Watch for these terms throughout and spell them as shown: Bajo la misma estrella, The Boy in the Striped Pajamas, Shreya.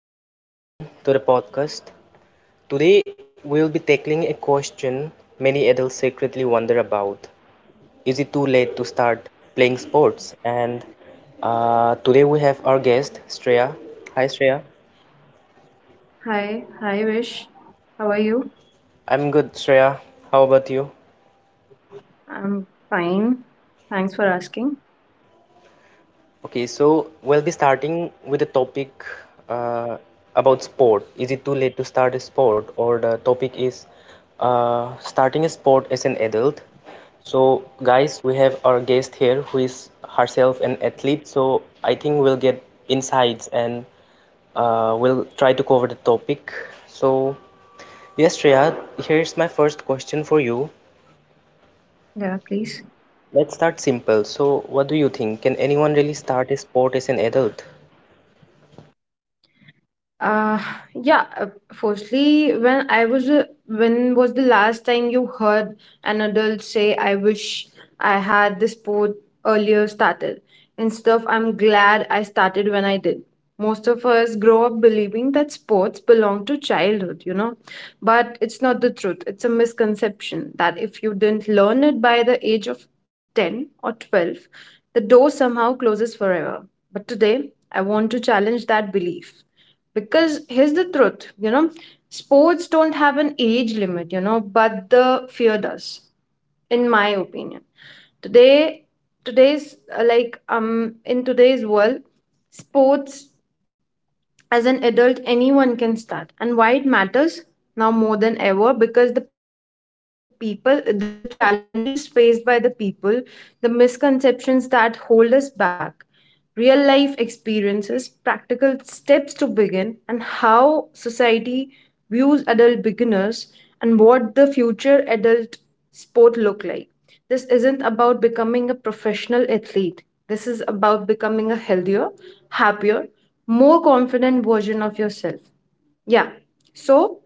Welcome back, everyone, to the podcast. Today, we'll be tackling a question many adults secretly wonder about. Is it too late to start playing sports? And Today, we have our guest, Shreya. Hi, Shreya. Hi, Vish. How are you? I'm good, Shreya. How about you? I'm fine. Thanks for asking. Okay, so we'll be starting with the topic uh, about sport. Is it too late to start a sport? Or the topic is, starting a sport as an adult. So, guys, we have our guest here who is herself an athlete. So, I think we'll get insights, and we'll try to cover the topic. So, yes, Shreya, here's my first question for you. Yeah, please. Let's start simple. So, what do you think? Can anyone really start a sport as an adult? Uh, yeah, firstly, when was the last time you heard an adult say, I wish I had this sport earlier started? Instead of, I'm glad I started when I did. Most of us grow up believing that sports belong to childhood, but it's not the truth. It's a misconception that if you didn't learn it by the age of 10 or 12, the door somehow closes forever. But today, I want to challenge that belief because here's the truth, sports don't have an age limit, but the fear does. In my opinion, today today's like in today's world, sports as an adult, anyone can start, and why it matters now more than ever. Because the people, the challenges faced by the people, the misconceptions that hold us back, real life experiences, practical steps to begin, and how society views adult beginners, and what the future adult sport look like. This isn't about becoming a professional athlete. This is about becoming a healthier, happier, more confident version of yourself. Yeah. So,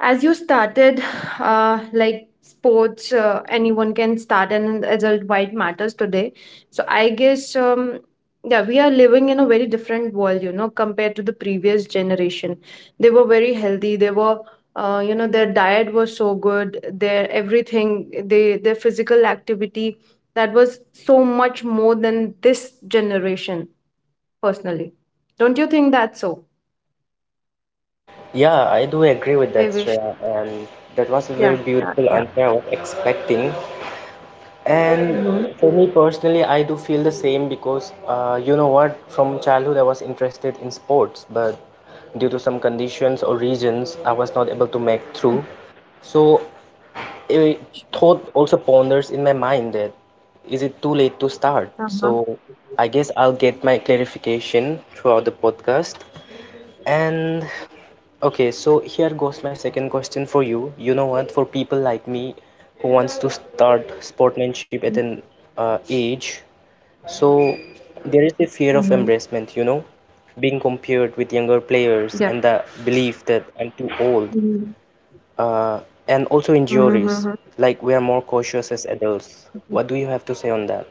as you started, like sports, anyone can start and adult wide matters today. So, I guess, yeah, we are living in a very different world, you know, compared to the previous generation. They were very healthy. They were, you know, their diet was so good. Their everything, they their physical activity, that was so much more than this generation. Personally, don't you think that's so? Yeah, I do agree with that, I Shreya, wish. and that was a very Yeah, beautiful yeah, answer yeah. I was expecting. And for Mhm. me personally, I do feel the same, because from childhood I was interested in sports, but due to some conditions or regions, I was not able to make through. Okay. So a thought also ponders in my mind that, is it too late to start? So Uh-huh. I guess I'll get my clarification throughout the podcast. And okay, so here goes my second question for you. You know what? For people like me who wants to start sportsmanship at an age, so there is a Mhm. fear of embarrassment, being compared with younger Yeah. players and the belief that I'm too old, Mhm. uh, and also in Mhm, mhm, juries, like we are more cautious as adults. mhm. What do you have to say on that?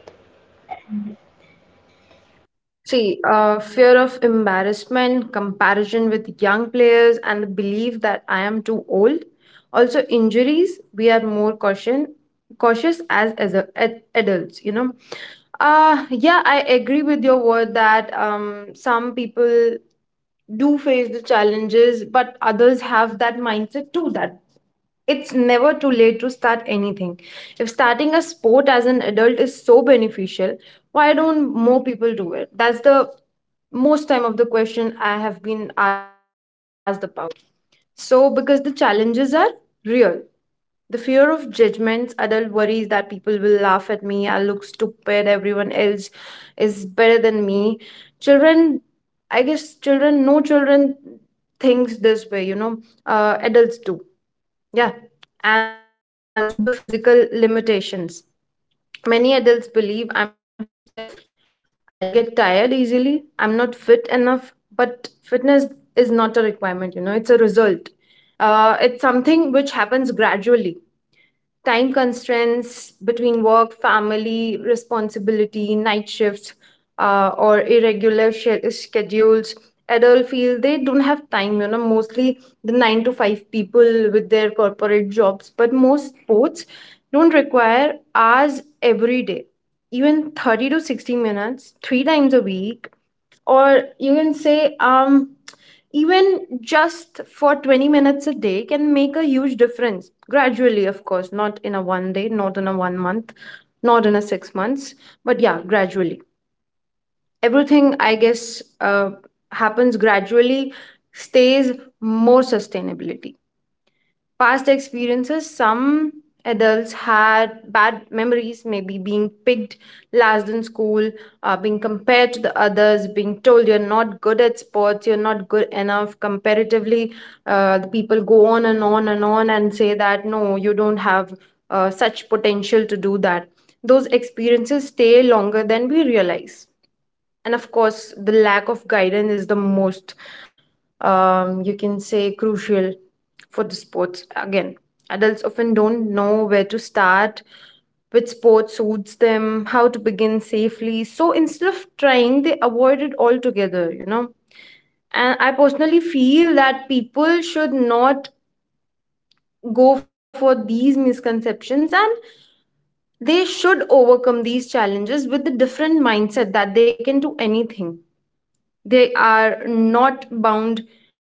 See, fear of embarrassment, comparison with young players, and the belief that I am too old. Also, injuries, we are cautious as a, ad- adults, you know. Yeah, I agree with your word that some people do face the challenges, but others have that mindset too that it's never too late to start anything. If starting a sport as an adult is so beneficial, why don't more people do it? That's the most time of the question I have been asked about. So, because the challenges are real. The fear of judgments, adult worries that people will laugh at me, I'll look stupid, everyone else is better than me. Children, I guess children, no children thinks this way, you know, adults do. Yeah, and also the physical limitations. Many adults believe I'm too stiff, I'll get tired easily, I'm not fit enough, but fitness is not a requirement, you know, it's a result. It's something which happens gradually. Time constraints between work, family responsibility, night shifts, or irregular schedules. Adult feel they don't have time, you know, mostly the 9 to 5 people with their corporate jobs. But most sports don't require hours every day, even 30 to 60 minutes, three times a week, or you can say, even just for 20 minutes a day can make a huge difference gradually. Of course, not in a one day, not in a one month, not in a 6 months, but yeah, gradually everything, I guess, happens gradually, stays more sustainability. Past experiences, some adults had bad memories, maybe being picked last in school, being compared to the others, being told you're not good at sports, you're not good enough comparatively. The people go on and on and on and say that no, you don't have such potential to do that. Those experiences stay longer than we realize. And of course, the lack of guidance is the most, you can say, crucial for the sports. Again, adults often don't know where to start, which sport suits them, how to begin safely, so instead of trying they avoid it altogether, you know. And I personally feel that people should not go for these misconceptions, and they should overcome these challenges with the different mindset that they can do anything. They are not bound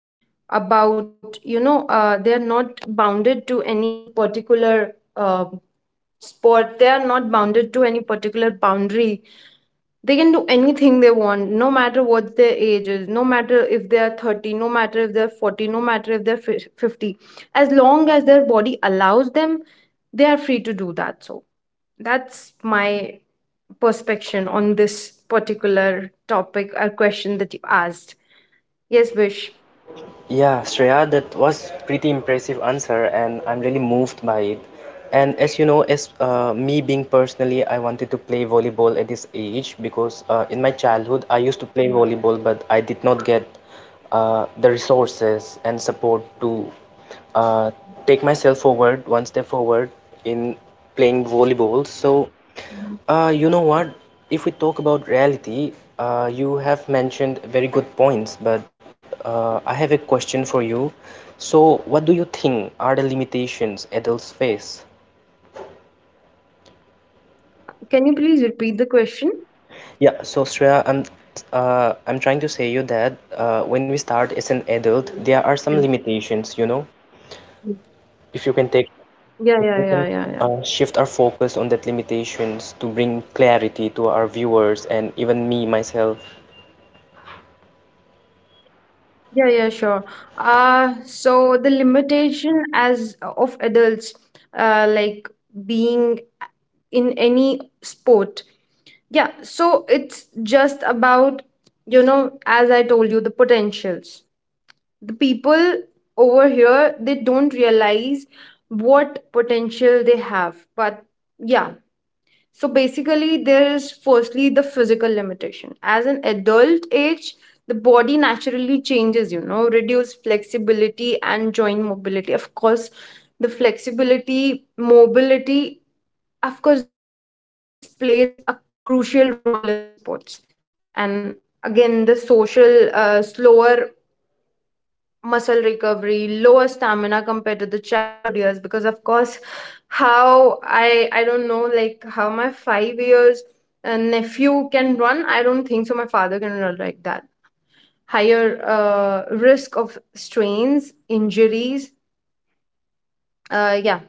about, you know, they are not bounded to any particular sport, they are not bounded to any particular boundary. They can do anything they want, no matter what their age is, no matter if they are 30, no matter if they're 40, no matter if they're 50, as long as their body allows them, they are free to do that. So that's my perspection on this particular topic or question that you asked. Yes, wish. Yeah, Shreya, that was pretty impressive answer, and I'm really moved by it. And as you know, as me being personally, I wanted to play volleyball at this age, because in my childhood I used to play volleyball, but I did not get the resources and support to uh, take myself forward, one step forward in playing volleyball. So. You know what? If we talk about reality, you have mentioned very good points, but I have a question for you. So, what do you think are the limitations adults face? Can you please repeat the question? Yeah, so Shreya, I'm trying to say you that, when we start as an adult, Yeah, there are some limitations, you know. If you can take, yeah, yeah, yeah, if yeah, we yeah. can shift our focus on that limitations to bring clarity to our viewers and even me myself. Yeah, yeah, sure. So the limitation as of adults, like being in any sport. Yeah, so it's just about, you know, as I told you, the potentials. The people over here, they don't realize what potential they have. But yeah, so basically, there is firstly the physical limitation. As an adult age, the body naturally changes, you know, reduce flexibility and joint mobility. Of course, the flexibility, mobility, of course, this plays a crucial role in the sports. And again, the social, slower muscle recovery, lower stamina compared to the childhood years, because of course, how I don't know, like how my 5 years nephew can run, I don't think so my father can run like that. Higher risk of strains, injuries. Yeah,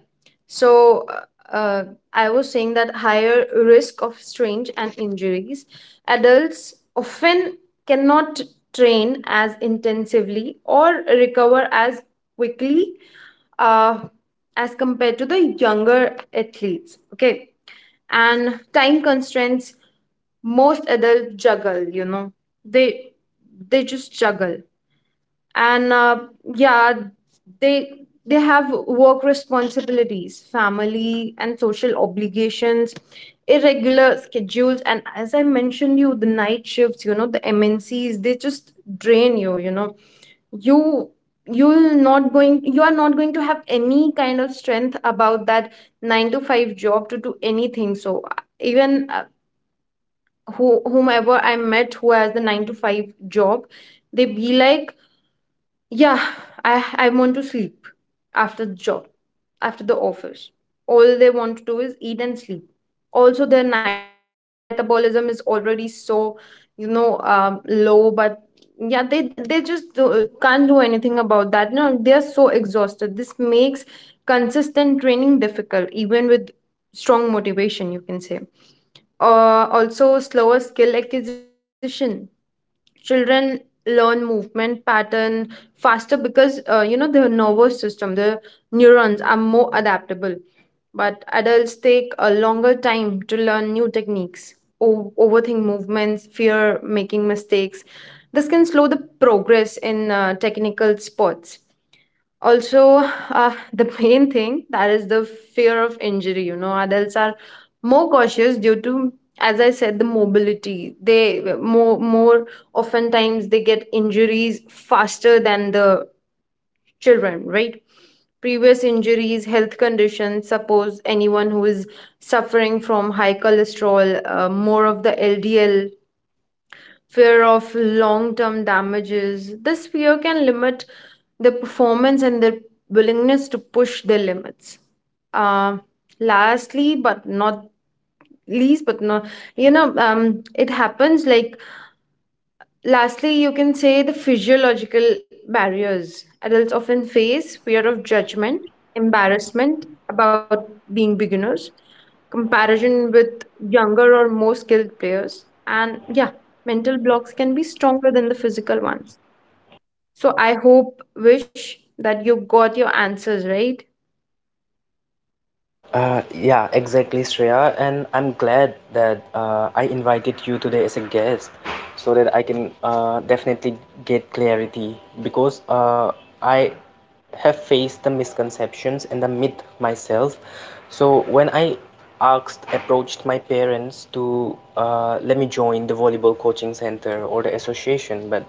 so, uh, I was saying that higher risk of strange and injuries. Adults often cannot train as intensively or recover as quickly uh, as compared to the younger athletes. Okay. And time constraints, most adults juggle, you know, they they just juggle, and yeah, they they have work responsibilities, family and social obligations, irregular schedules. And as I mentioned you, the night shifts, you know, the mncs, they just drain you, you know. You you'll not going you are not going to have any kind of strength about that 9 to 5 job to do anything. So whomever I met who has the 9 to 5 job, they be like, yeah, I want to sleep after the job, after the office. All they want to do is eat and sleep. Also, their night shifts. The metabolism is already so, you know, low. But yeah, can't do anything about that. No, they are so exhausted. This makes consistent training difficult, even with strong motivation, you can say. Also, slower skill acquisition. Children learn movement pattern faster, because you know, the nervous system, the neurons are more adaptable, but adults take a longer time to learn new techniques, overthink movements, fear making mistakes. This can slow the progress in technical sports. Also, the main thing that is the fear of injury. You know, adults are more cautious due to, as I said, the mobility, they more oftentimes they get injuries faster than the children, right? Previous injuries, health conditions, suppose anyone who is suffering from high cholesterol, more of the ldl, fear of long term damages, this fear can limit their performance and their willingness to push their limits. Uh, Lastly, but not least, but not you know, it happens like lastly, you can say the physiological barriers adults often face, fear of judgment, embarrassment about being beginners, comparison with younger or more skilled players, and yeah, mental blocks can be stronger than the physical ones. So I hope, wish, that you got your answers right. Yeah, exactly, Shreya. And I'm glad that I invited you today as a guest so that I can definitely get clarity, because I have faced the misconceptions and the myth myself. So when I asked approached my parents to let me join the volleyball coaching center or the association, but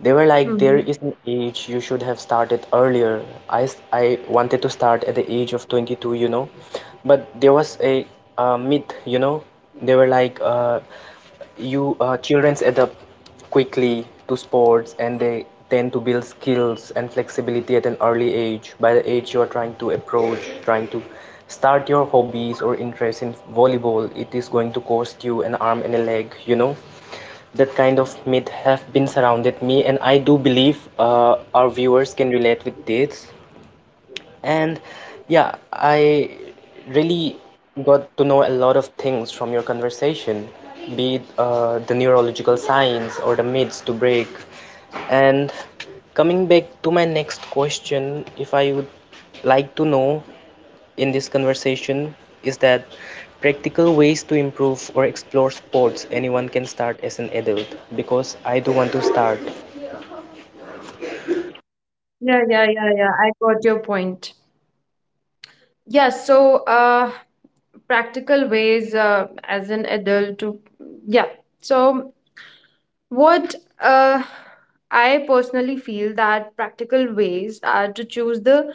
they were like there is an Mm-hmm. age, you should have started earlier. I wanted to start at the age of 22, you know, but there was a myth, you know. They were like, you children adapt quickly to sports and they tend to build skills and flexibility at an early age. By the age you are trying to approach, trying to start your hobbies or interest in volleyball, it is going to cost you an arm and a leg, you know. That kind of myth have been surrounded me, and I do believe our viewers can relate with this. And yeah, I really got to know a lot of things from your conversation, be it the neurological science or the myths to break. And coming back to my next question, if I would like to know in this conversation, is that practical ways to improve or explore sports anyone can start as an adult? Because I do want to start. Yeah, yeah, yeah, yeah, I got your point. Yeah, so practical ways as an adult to, yeah. So what, uh, I personally feel that practical ways are to choose the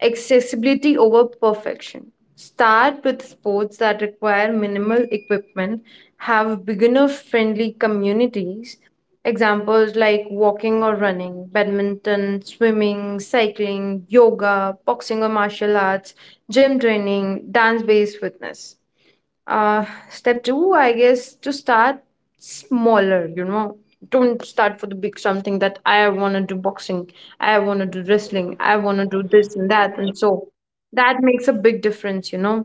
accessibility over perfection. Start with sports that require minimal equipment, have beginner friendly communities. Examples like walking or running, badminton, swimming, cycling, yoga, boxing or martial arts, gym training, dance based fitness. Step two, I guess, to start smaller, you know. Don't start for the big, something that I want to do boxing, I want to do wrestling, I want to do this and that. And so that makes a big difference, you know.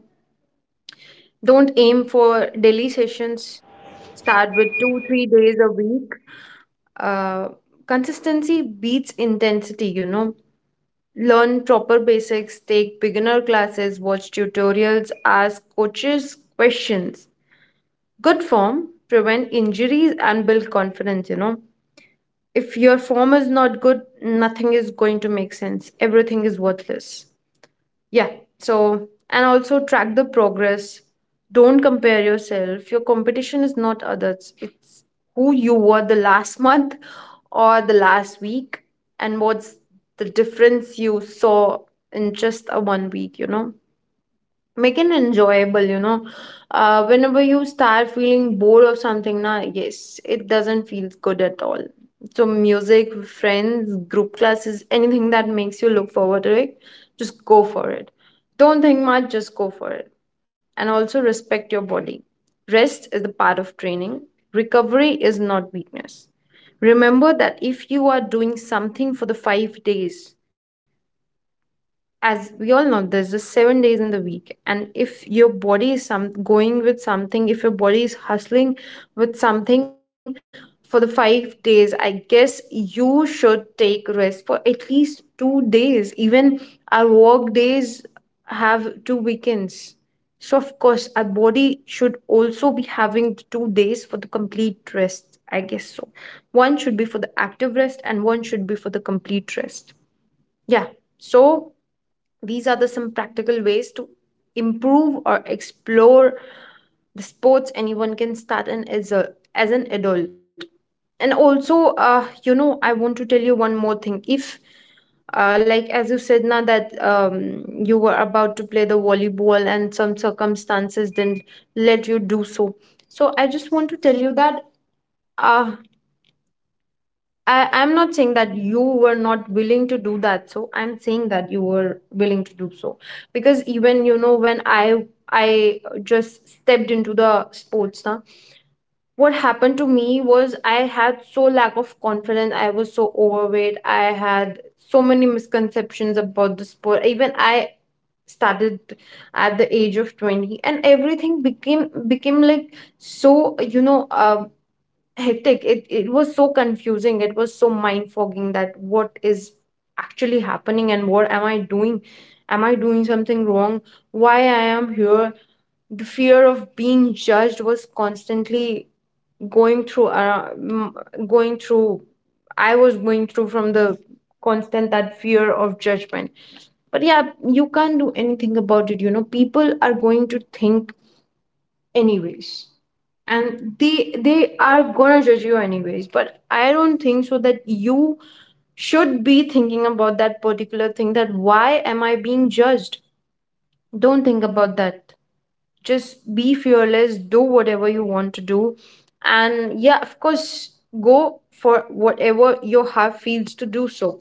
Don't aim for daily sessions. Start with 2, 3 days a week. Uh, Consistency beats intensity, you know. Learn proper basics, take beginner classes, watch tutorials, ask coaches questions, good form, prevent injuries and build confidence. If your form is not good, nothing is going to make sense, everything is worthless. Yeah. So, and also track the progress. Don't compare yourself. Your competition is not others, it's who you were the last month or the last week, and what's the difference you saw in just a one week. Make it enjoyable. Whenever you start feeling bored of something, na, yes, it doesn't feel good at all. So music, friends, group classes, anything that makes you look forward to it, just go for it. Don't think much, just go for it. And also, respect your body. Rest is the part of training. Recovery is not weakness. Remember that if you are doing something for the five days, as we all know, there's just 7 days in the week. And if your body is some going with something, if your body is hustling with something for the 5 days, I guess you should take rest for at least 2 days. Even our work days have two weekends, so of course our body should also be having the 2 days for the complete rest, I guess so. One should be for the active rest and one should be for the complete rest. Yeah. So these are the some practical ways to improve or explore the sports anyone can start in as a as an adult. And also, I want to tell you one more thing. If Like as you said now that you were about to play the volleyball and some circumstances didn't let you do so. So I just want to tell you that, uh, I'm not saying that you were not willing to do that. So I'm saying that you were willing to do so. Because even, you know, when I just stepped into the sports now, what happened to me was I had so lack of confidence. I was so overweight. I had so many misconceptions about the sport. Even I started at the age of 20, and everything became like, so, hectic. It was so confusing, it was so mind fogging, that what is actually happening and what am I doing? Am I doing something wrong? Why I am here? The fear of being judged was constantly going through uh, m- going through. I was going through from the constant, that fear of judgment. But yeah, you can't do anything about it, you know, people are going to think anyways, and they are gonna judge you anyways. But I don't think so that you should be thinking about that particular thing, that why am I being judged? Don't think about that. Just be fearless, do whatever you want to do. And yeah, of course, go for whatever your heart feels to do so.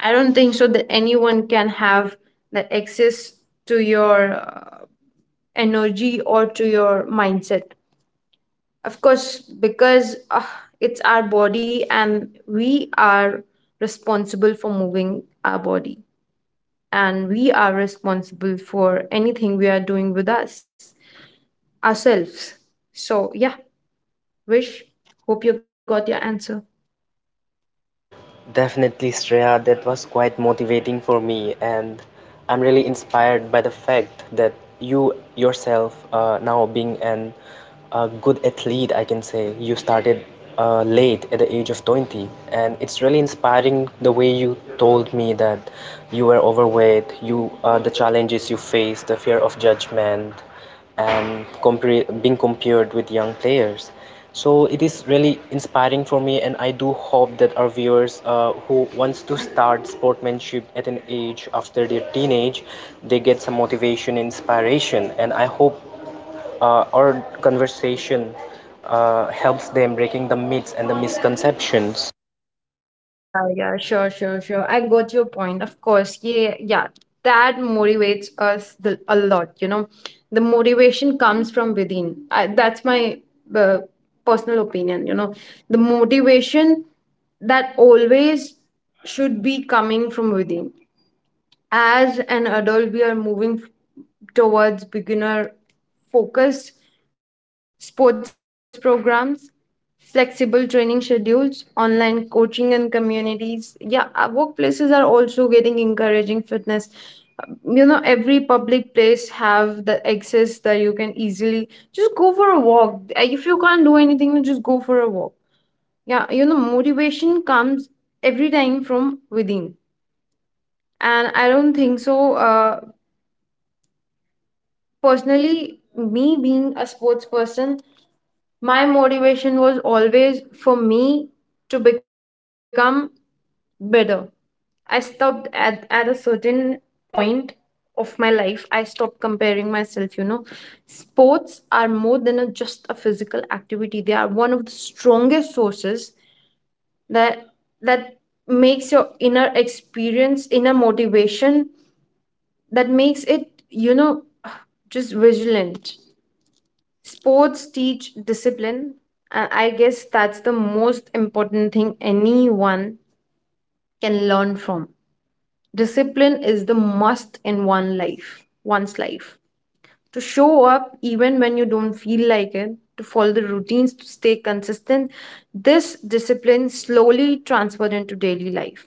I don't think so that anyone can have that access to your energy or to your mindset. Of course, because it's our body and we are responsible for moving our body, and we are responsible for anything we are doing with us, ourselves. So, yeah, wish. Hope you got your answer. Definitely, Shreya, that was quite motivating for me, and I'm really inspired by the fact that you yourself, now being an a good athlete, I can say, you started late at the age of 20, and it's really inspiring the way you told me that you were overweight, you the challenges you faced, the fear of judgment, and compare being compared with young players. So it is really inspiring for me, and I do hope that our viewers who wants to start sportsmanship at an age after their teenage, they get some motivation and inspiration. And I hope our conversation helps them breaking the myths and the Yeah, misconceptions. yeah, yeah, yeah, yeah. Sure, sure, sure. I got your point. Of course. Yeah, yeah. That motivates us the, a lot, you know. The motivation comes from within. That's my uh, personal opinion, you know. The motivation that always should be coming from within. As an adult, we are towards beginner focused sports programs, flexible training schedules, online coaching and communities. Yeah, our workplaces are also getting encouraging fitness. You know, every public place have the access that you can easily just go for a walk. If you can't do anything, just go for a walk. Yeah, you know, motivation comes every time from within. And I don't think so, personally, me being a sports person, my motivation was always for me to become better. I stopped at a certain point of my life. I stopped comparing myself, you know. Sports are more than a, just a physical activity. They are one of the strongest sources that that makes your inner experience, inner motivation, that makes it, you know, just vigilant. Sports teach discipline, and I guess that's the most important thing anyone can learn from. Discipline is the must in one life, one's life. To show up even when you don't feel like it, to follow the routines, to stay consistent, this discipline slowly transferred into daily life,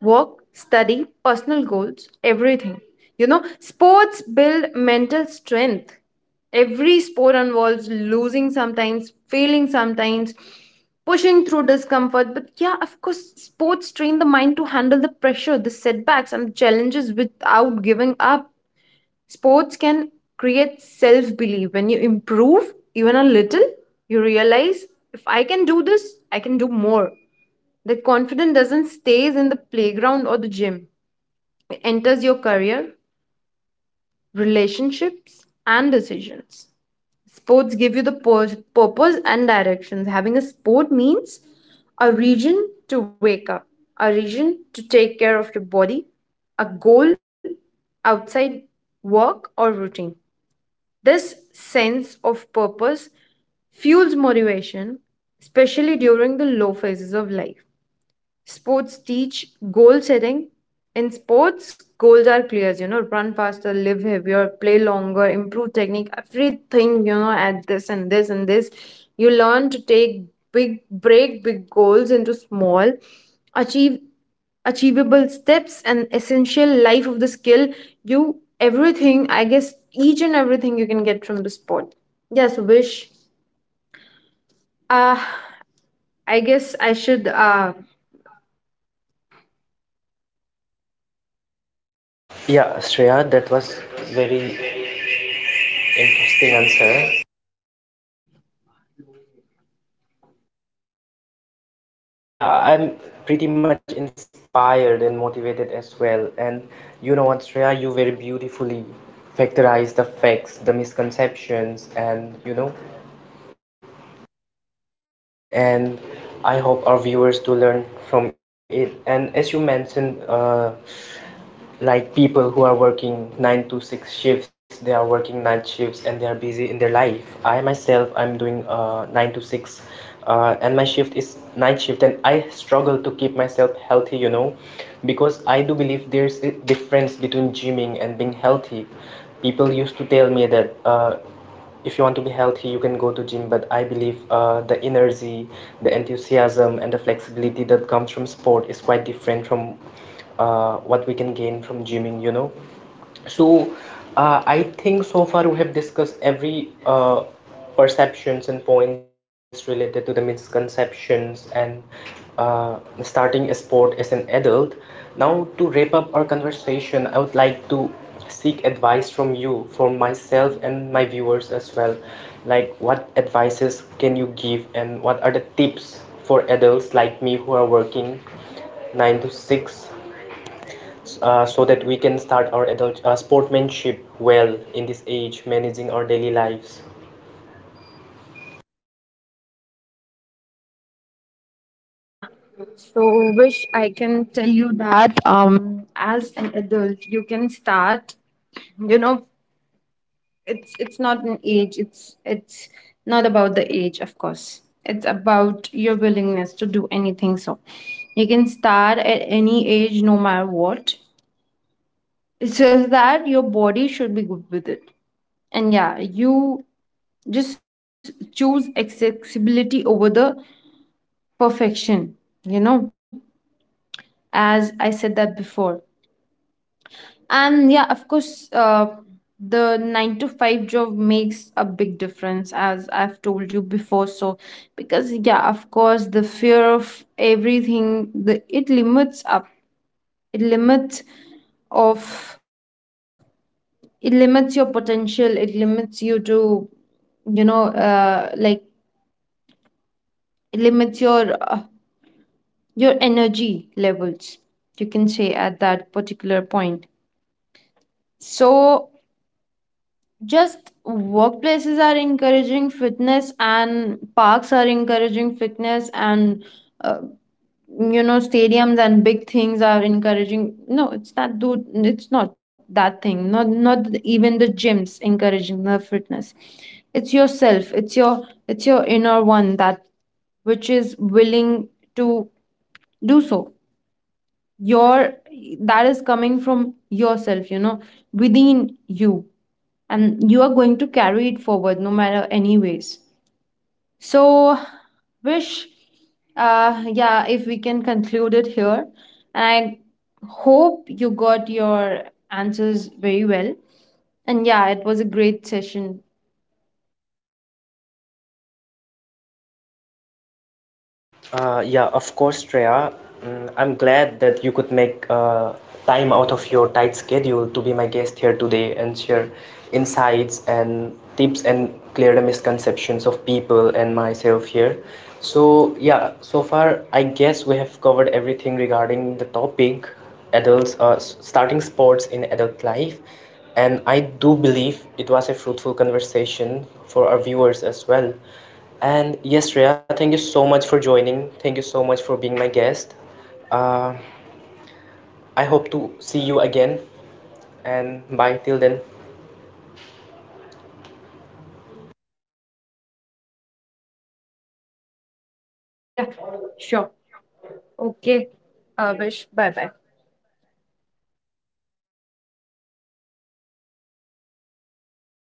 work, study, personal goals, everything. You know, sports build mental strength. Every sport involves losing sometimes, failing sometimes, pushing through discomfort. But yeah, of course, sports train the mind to handle the pressure, the setbacks, and challenges without giving up. Sports can create self belief. When you improve even a little, you realize, if I can do this, I can do more. That confidence doesn't stays in the playground or the gym. It enters your career, relationships, and decisions. Sports give you the purpose and directions. Having a sport means a reason to wake up, a reason to take care of your body, a goal outside work or routine. This sense of purpose fuels motivation, especially during the low phases of life. Sports teach goal setting. In sports, goals are clear, you know, run faster, live heavier, play longer, improve technique, everything, you know, at this and this and this. You learn to break big goals into small, achieve achievable steps and essential life of the skill. You, everything, I guess each and everything you can get from the sport. Yes, wish, uh I guess I should. Yeah, Shreya, that was very interesting answer. Yeah, I'm pretty much inspired and motivated as well. And you know what, Shreya, you very beautifully factorized the facts, the misconceptions, and you know, and I hope our viewers to learn from it. And as you mentioned, like, people who are working 9 to 6 shifts, they are working night shifts and they are busy in their life. I myself, I'm doing 9 to 6, and my shift is night shift, and I struggle to keep myself healthy, you know, because I do believe there's a difference between gymming and being healthy. People used to tell me that, if you want to be healthy you can go to gym, but I believe the energy, the enthusiasm, and the flexibility that comes from sport is quite different from what we can gain from gymming, you know. So I think so far we have discussed every perceptions and points related to the misconceptions, and uh, starting a sport as an adult. Now, to wrap up our conversation, I would like to seek advice from you for myself and my viewers as well. Like, what advices can you give, and what are the tips for adults like me who are working 9 to 6, so that we can start our adult sportmanship well in this age, managing our daily lives? Yeah. So wish I can tell you that as an adult you can start, you know, it's not an age, it's not about the age. Of course, it's about your willingness to do anything. So you can start at any age, no matter what. It's just that your body should be good with it. And yeah, you just choose accessibility over the perfection, you know, as I said that before. And yeah, of course, the nine to five job makes a big difference, as I've told you before. So, because yeah, of course, the fear of everything, the it limits up, it limits of, it limits your potential, it limits you to, you know, like it limits your energy levels. You can say at that particular point. So, just workplaces are encouraging fitness and parks are encouraging fitness, and uh, you know, stadiums and big things are encouraging, no, it's not do, it's not that thing, not even the gyms encouraging the fitness. It's yourself, it's your inner one, that which is willing to do so. Your, that is coming from yourself, you know, within you. And you are going to carry it forward, no matter, anyways. So, wish, yeah, if we can conclude it here. And I hope you got your answers very well. And yeah, it was a great session. Yeah, of course, Treya. Mm, I'm glad that you could make time out of your tight schedule to be my guest here today and share insights and tips and clear the misconceptions of people and myself here. So, yeah, so far, I guess we have covered everything regarding the topic, adults starting sports in adult life. And I do believe it was a fruitful conversation for our viewers as well. And yes, Rhea, thank you so much for joining. Thank you so much for being my guest. Uh, I hope to see you again. And bye till then. Yeah. Sure. Okay.